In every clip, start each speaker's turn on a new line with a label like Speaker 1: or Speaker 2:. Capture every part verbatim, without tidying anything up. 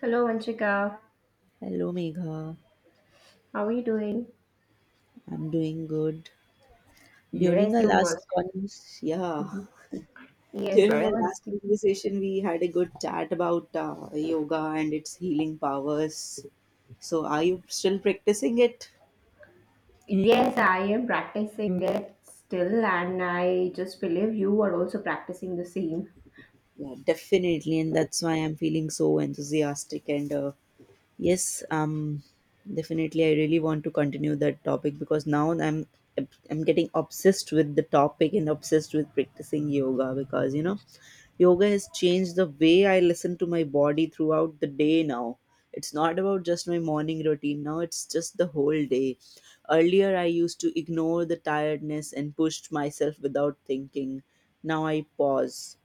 Speaker 1: Hello, Anshika.
Speaker 2: Hello, Megha.
Speaker 1: How are you doing?
Speaker 2: I'm doing good. During
Speaker 1: Yes,
Speaker 2: our
Speaker 1: you
Speaker 2: last
Speaker 1: must.
Speaker 2: cons, yeah,
Speaker 1: Mhm. Yes,
Speaker 2: during
Speaker 1: I
Speaker 2: our
Speaker 1: must.
Speaker 2: last conversation, we had a good chat about uh, yoga and its healing powers. So, are you still practicing it?
Speaker 1: Yes, I am practicing it still, and I just believe you are also practicing the same.
Speaker 2: Yeah, definitely, and that's why I'm feeling so enthusiastic and uh, Yes, um, definitely. I really want to continue that topic because now I'm I'm getting obsessed with the topic and obsessed with practicing yoga, because you know yoga has changed the way I listen to my body throughout the day now. It's not about just my morning routine now, it's just the whole day. Earlier, I used to ignore the tiredness and pushed myself without thinking. Now I pause,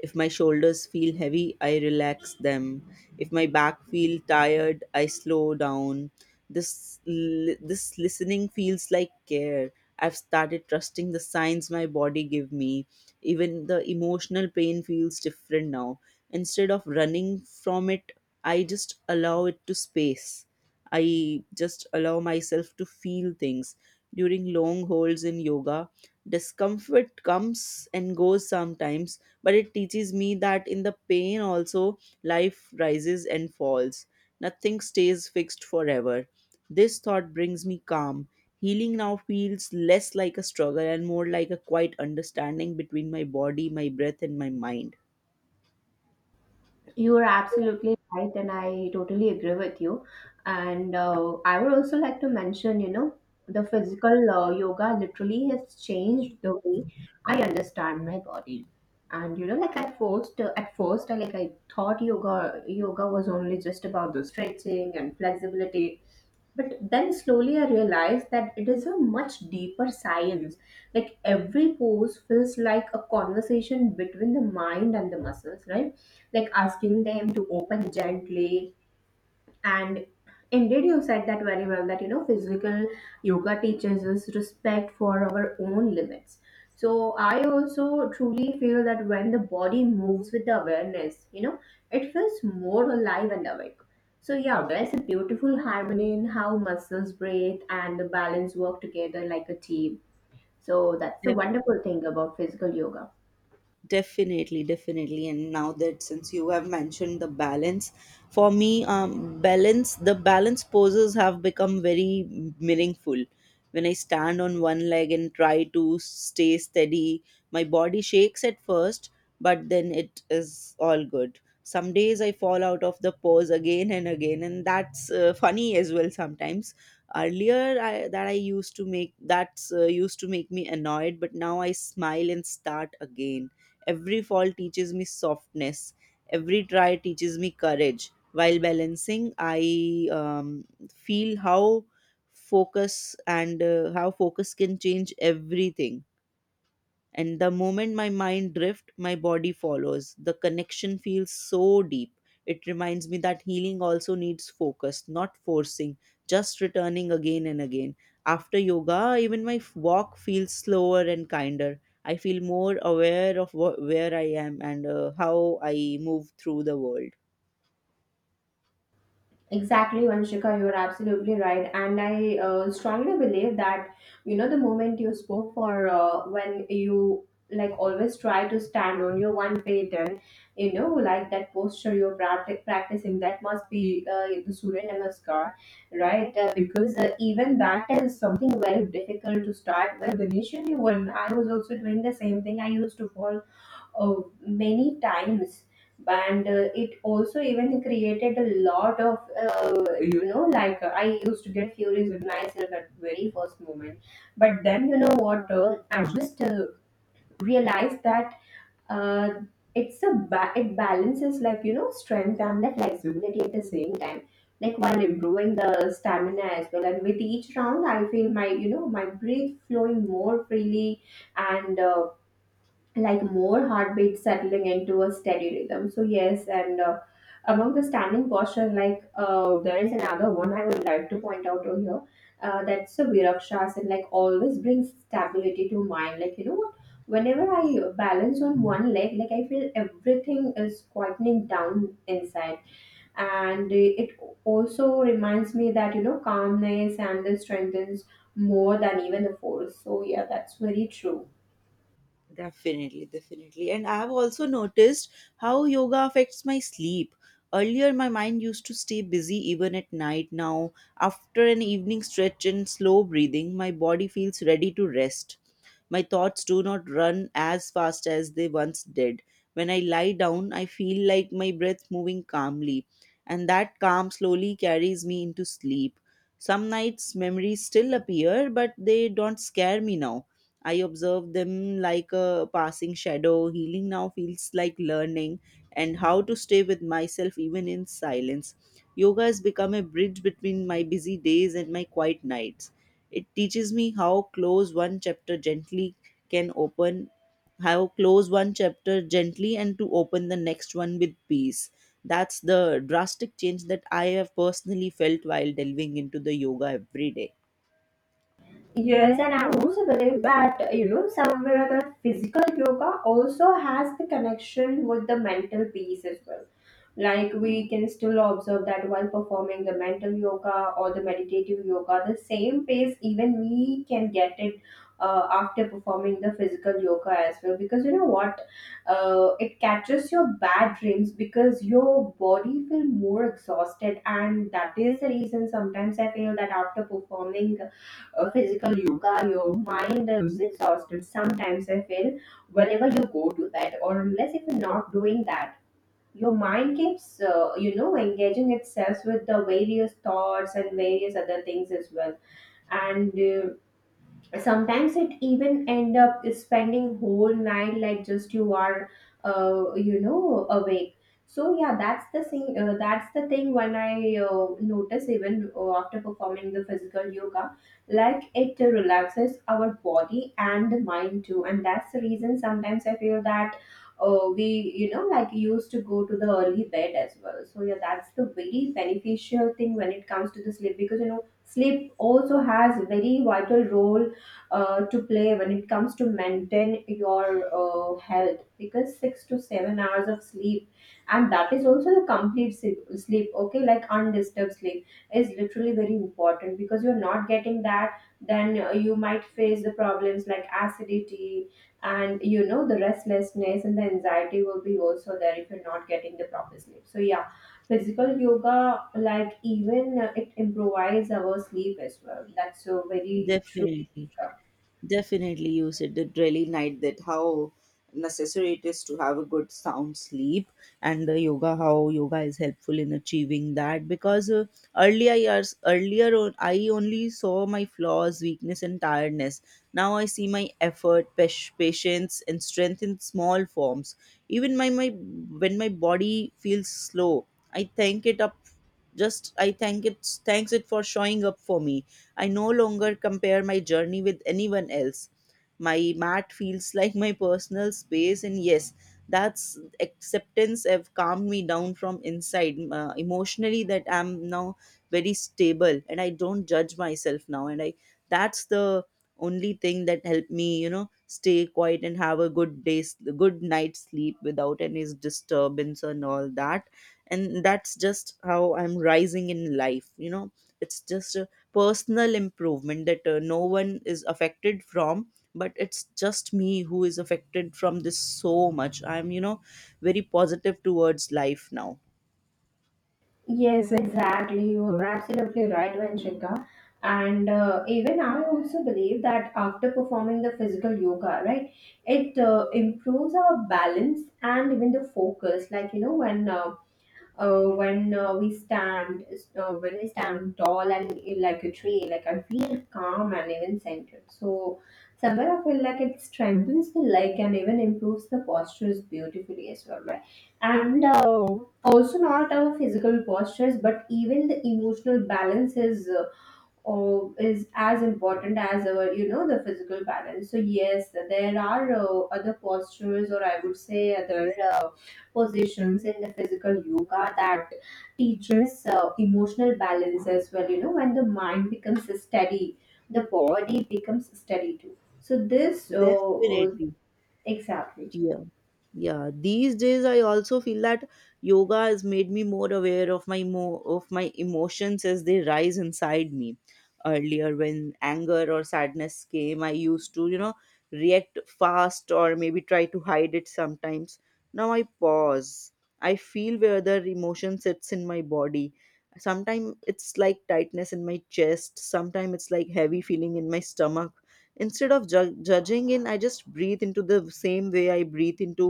Speaker 2: if my shoulders feel heavy, I relax them. If my back feel tired, I slow down. This li- this listening feels like care. I've started trusting the signs my body give me. Even the emotional pain feels different now. Instead of running from it, I just allow it to space. I just allow myself to feel things during long holds in yoga. Discomfort comes and goes sometimes, but it teaches me that in the pain also life rises and falls. Nothing stays fixed forever. This thought brings me calm. Healing now feels less like a struggle and more like a quiet understanding between my body, my breath, and my mind.
Speaker 1: You are absolutely right, and I totally agree with you. And uh, I would also like to mention, you know, the physical uh, yoga literally has changed the way I understand my body. And you know, like I first uh, at first, I, like, I thought yoga yoga was only just about the stretching and flexibility, but then slowly I realized that it is a much deeper science, like every pose feels like a conversation between the mind and the muscles, right? Like asking them to open gently. And indeed, you said that very well that, you know, physical yoga teaches us respect for our own limits. So I also truly feel that when the body moves with the awareness you know it feels more alive and awake. So yeah, there's a beautiful harmony in how muscles breathe and the balance work together like a team. So that's the wonderful thing about physical yoga.
Speaker 2: Definitely, definitely. And now that since you have mentioned the balance, for me, um, balance the balance poses have become very meaningful. When I stand on one leg and try to stay steady, my body shakes at first, but then it is all good. Some days I fall out of the pose again and again, and that's uh, funny as well sometimes. Earlier, I, that I used to make that's uh, used to make me annoyed, but now I smile and start again. Every fall teaches me softness. Every try teaches me courage. While balancing, I um, feel how focus and uh, how focus can change everything, and the moment my mind drift, my body follows. The connection feels so deep. It reminds me that healing also needs focus, not forcing, just returning again and again. After yoga, even my f- walk feels slower and kinder. I feel more aware of wh- where I am and uh, how I move through the world.
Speaker 1: Exactly, Vanshika, you're absolutely right. And I uh, strongly believe that, you know, the moment you spoke for uh, when you, like, always try to stand on your one feet and, you know, like that posture you're practic- practicing, that must be uh, the Surya Namaskar, right? Uh, because uh, even that is something very difficult to start with. Initially, when I was also doing the same thing, I used to fall, oh, many times. And uh, it also even created a lot of uh, you know, like I used to get furious with myself at very first moment. But then, you know what, uh, I just uh, realized that uh, it's a ba- it balances, like, you know, strength and the flexibility at the same time, like while improving the stamina as well. And with each round I feel my, you know, my breath flowing more freely. And uh, like more heartbeat settling into a steady rhythm. So yes, and uh, among the standing posture, like uh, there is another one I would like to point out over here. Uh, that's the Virakshasana, like always brings stability to mind. Like, you know what, whenever I balance on one leg, like I feel everything is quietening down inside. And it also reminds me that, you know, calmness and this strengthens more than even the force. So yeah, that's very true.
Speaker 2: Definitely, definitely. And I have also noticed how yoga affects my sleep. Earlier, my mind used to stay busy even at night. Now, after an evening stretch and slow breathing, my body feels ready to rest. My thoughts do not run as fast as they once did. When I lie down, I feel like my breath moving calmly, and that calm slowly carries me into sleep. Some nights memories still appear, but they don't scare me now. I observe them like a passing shadow. Healing now feels like learning and how to stay with myself even in silence. Yoga has become a bridge between my busy days and my quiet nights. It teaches me how close one chapter gently can open, how close one chapter gently and to open the next one with peace. That's the drastic change that I have personally felt while delving into the yoga every day.
Speaker 1: Yes, and I also believe that, you know, somewhere or other, physical yoga also has the connection with the mental peace as well. Like we can still observe that while performing the mental yoga or the meditative yoga, the same pace even we can get it uh, after performing the physical yoga as well. Because you know what, uh, it catches your bad dreams because your body feel more exhausted, and that is the reason sometimes I feel that after performing uh, physical yoga, your mind is exhausted. Sometimes I feel whenever you go to that, or unless if you're not doing that, your mind keeps, uh, you know, engaging itself with the various thoughts and various other things as well. And uh, sometimes it even end up spending whole night like just you are, uh, you know, awake. So yeah, that's the thing, uh, that's the thing when I uh, notice even uh, after performing the physical yoga, like it relaxes our body and the mind too. And that's the reason sometimes I feel that uh, we, you know, like used to go to the early bed as well. So yeah, that's the very beneficial thing when it comes to the sleep, because, you know, sleep also has very vital role uh, to play when it comes to maintain your uh, health. Because six to seven hours of sleep, and that is also the complete sleep, sleep, okay, like undisturbed sleep, is literally very important. Because you're not getting that, then uh, you might face the problems like acidity, and you know, the restlessness and the anxiety will be also there if you're not getting the proper sleep. So yeah, physical yoga, like even uh, it improves our sleep as well. That's so very true.
Speaker 2: Definitely. Definitely you said it really night, that how necessary it is to have a good sound sleep and the yoga, how yoga is helpful in achieving that. Because uh, earlier years, earlier on, I only saw my flaws, weakness and tiredness. Now I see my effort, pas- patience and strength in small forms. Even my my when my body feels slow, I thank it up, just I thank it thanks it for showing up for me. I no longer compare my journey with anyone else. My mat feels like my personal space, and yes, that's acceptance have calmed me down from inside uh, emotionally. That I'm now very stable, and I don't judge myself now, and I, that's the only thing that helped me, you know, stay quiet and have a good day's good night's sleep without any disturbance and all that. And that's just how I'm rising in life, you know. It's just a personal improvement that uh, no one is affected from, but it's just me who is affected from this so much. I'm, you know, very positive towards life now.
Speaker 1: Yes, exactly. You're absolutely right, Vanshika. And uh, even I also believe that after performing the physical yoga, right, it uh, improves our balance and even the focus. Like, you know, when uh, uh, when uh, we stand uh, when I stand tall and in, like, a tree, like I feel calm and even centered. So somewhere I feel like it strengthens the leg and even improves the postures beautifully as well, right? And uh, also not our physical postures, but even the emotional balance is. Uh, or is as important as our, you know, the physical balance. So yes, there are uh, other postures, or I would say other uh, positions in the physical yoga that teaches uh, emotional balance as well. You know, when the mind becomes steady, the body becomes steady too. So this uh, uh,
Speaker 2: Definitely.
Speaker 1: exactly.
Speaker 2: Yeah. Yeah. These days I also feel that yoga has made me more aware of my mo- of my emotions as they rise inside me. Earlier, when anger or sadness came, I used to, you know, react fast or maybe try to hide it sometimes. Now I pause. I feel where the emotion sits in my body. Sometimes it's like tightness in my chest, sometimes it's like heavy feeling in my stomach. Instead of ju- judging in, I just breathe into, the same way I breathe into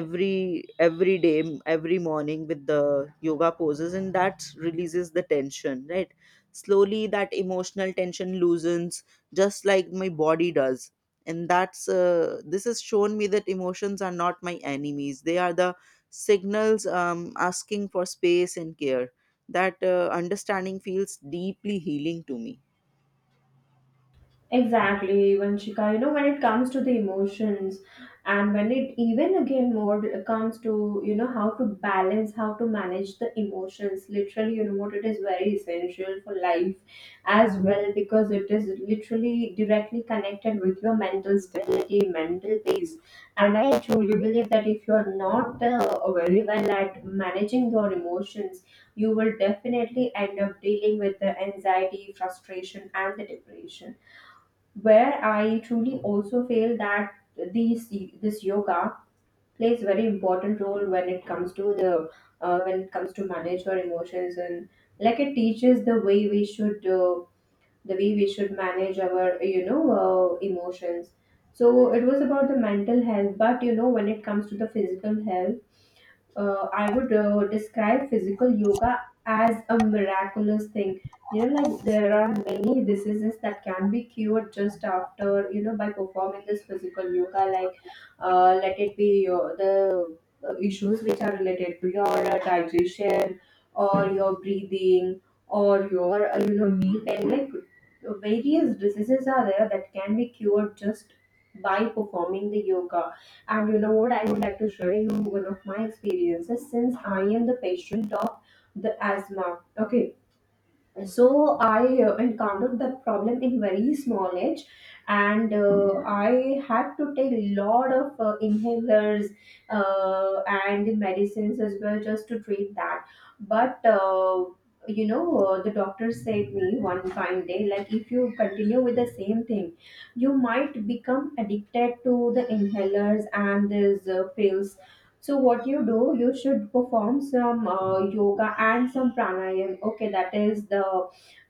Speaker 2: every every day, m- every morning with the yoga poses, and that releases the tension, right? Slowly that emotional tension loosens, just like my body does. And that's uh, this has shown me that emotions are not my enemies, they are the signals, um, asking for space and care. That uh, understanding feels deeply healing to me.
Speaker 1: Exactly, Vanshika. You know, when it comes to the emotions, and when it even again more comes to, you know, how to balance, how to manage the emotions, literally, you know, what, it is very essential for life as well, because it is literally directly connected with your mental stability, mental peace. And I truly believe that if you're not uh, very well at managing your emotions, you will definitely end up dealing with the anxiety, frustration, and the depression, where I truly also feel that these this yoga plays very important role when it comes to the, uh, when it comes to manage our emotions. And like it teaches the way we should, uh, the way we should manage our, you know, uh, emotions. So it was about the mental health. But you know, when it comes to the physical health, uh, I would uh, describe physical yoga as a miraculous thing. You know, like, there are many diseases that can be cured just after, you know, by performing this physical yoga. Like, uh, let it be your, the uh, issues which are related to your uh, digestion, or your breathing, or your, uh, you know, knee pain. Like, various diseases are there that can be cured just by performing the yoga. And you know what? I would like to share you one of my experiences, since I am the patient of the asthma. Okay, so I uh, encountered the problem in very small age. And uh, I had to take a lot of uh, inhalers uh, and medicines as well just to treat that. But uh, you know, uh, the doctor said me one fine day, like, if you continue with the same thing, you might become addicted to the inhalers and these uh, pills. So what you do, you should perform some uh, yoga and some pranayam. Okay, that is the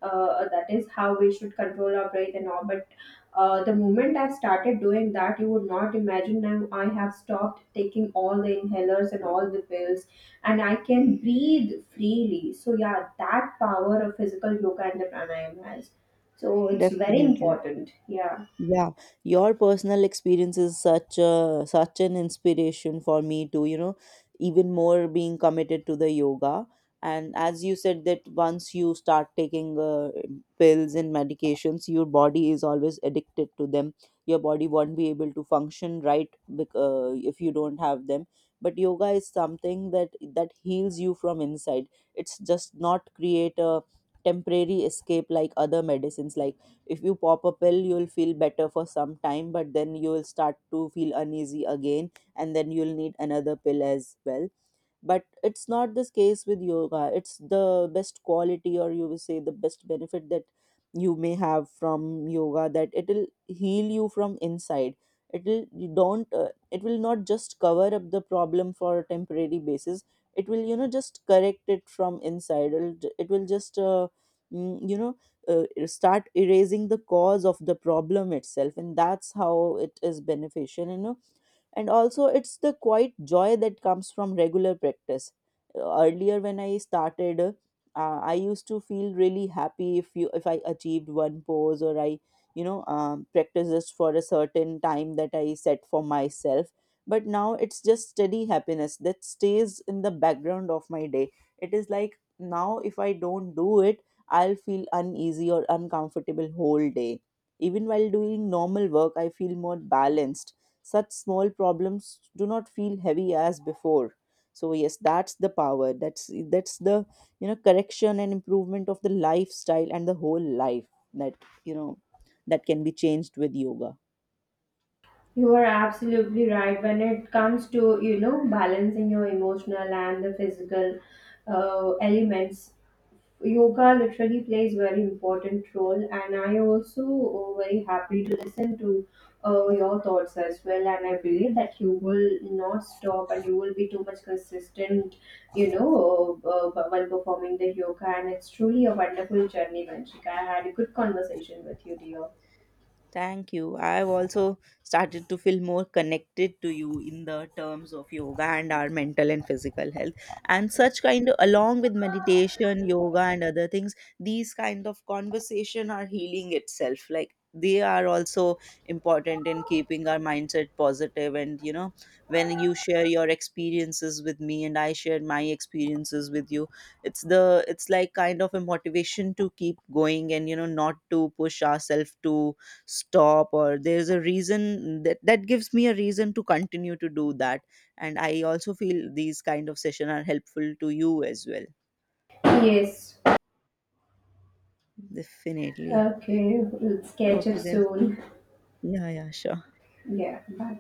Speaker 1: uh, that is how we should control our breath and all. But uh, the moment I started doing that, you would not imagine, now I have stopped taking all the inhalers and all the pills, and I can breathe freely. So yeah, that power of physical yoga and the pranayam has. So it's very
Speaker 2: Definitely.
Speaker 1: important. Yeah.
Speaker 2: Yeah, your personal experience is such a such an inspiration for me to, you know, even more being committed to the yoga. And as you said, that once you start taking uh, pills and medications, your body is always addicted to them. Your body won't be able to function right bec- uh, if you don't have them. But yoga is something that that heals you from inside. It's just not create a temporary escape like other medicines. Like, if you pop a pill, you'll feel better for some time, but then you will start to feel uneasy again, and then you'll need another pill as well. But it's not this case with yoga. It's the best quality, or you will say the best benefit that you may have from yoga, that it'll heal you from inside. It'll, you don't, uh, it will not just cover up the problem for a temporary basis. It will, you know, just correct it from inside. It'll, it will just uh, mm, you know, uh, start erasing the cause of the problem itself, and that's how it is beneficial, you know. And also it's the quiet joy that comes from regular practice. Earlier when I started, uh, I used to feel really happy if you if I achieved one pose, or I, you know, um, practice just for a certain time that I set for myself. But now it's just steady happiness that stays in the background of my day. It is like now, if I don't do it, I'll feel uneasy or uncomfortable whole day. Even while doing normal work, I feel more balanced. Such small problems do not feel heavy as before. So yes, that's the power, that's that's the you know, correction and improvement of the lifestyle and the whole life that, you know, that can be changed with yoga.
Speaker 1: You are absolutely right. When it comes to, you know, balancing your emotional and the physical uh, elements, yoga literally plays very important role. And I also, uh, very happy to listen to uh, your thoughts as well. And I believe that you will not stop and you will be too much consistent, you know, uh, uh, while performing the yoga. And it's truly a wonderful journey, Vanshika. I had a good conversation with you, dear.
Speaker 2: Thank you. I've also started to feel more connected to you in the terms of yoga and our mental and physical health. And such kind of, along with meditation, yoga, and other things, these kind of conversation are healing itself. Like, they are also important in keeping our mindset positive. And you know, when you share your experiences with me and I share my experiences with you, it's the it's like kind of a motivation to keep going, and you know, not to push ourselves to stop. Or there's a reason, that, that gives me a reason to continue to do that. And I also feel these kind of session are helpful to you as well.
Speaker 1: Yes.
Speaker 2: Definitely.
Speaker 1: Okay, we'll catch up
Speaker 2: Okay then.
Speaker 1: soon.
Speaker 2: Yeah, yeah, sure.
Speaker 1: Yeah, bye.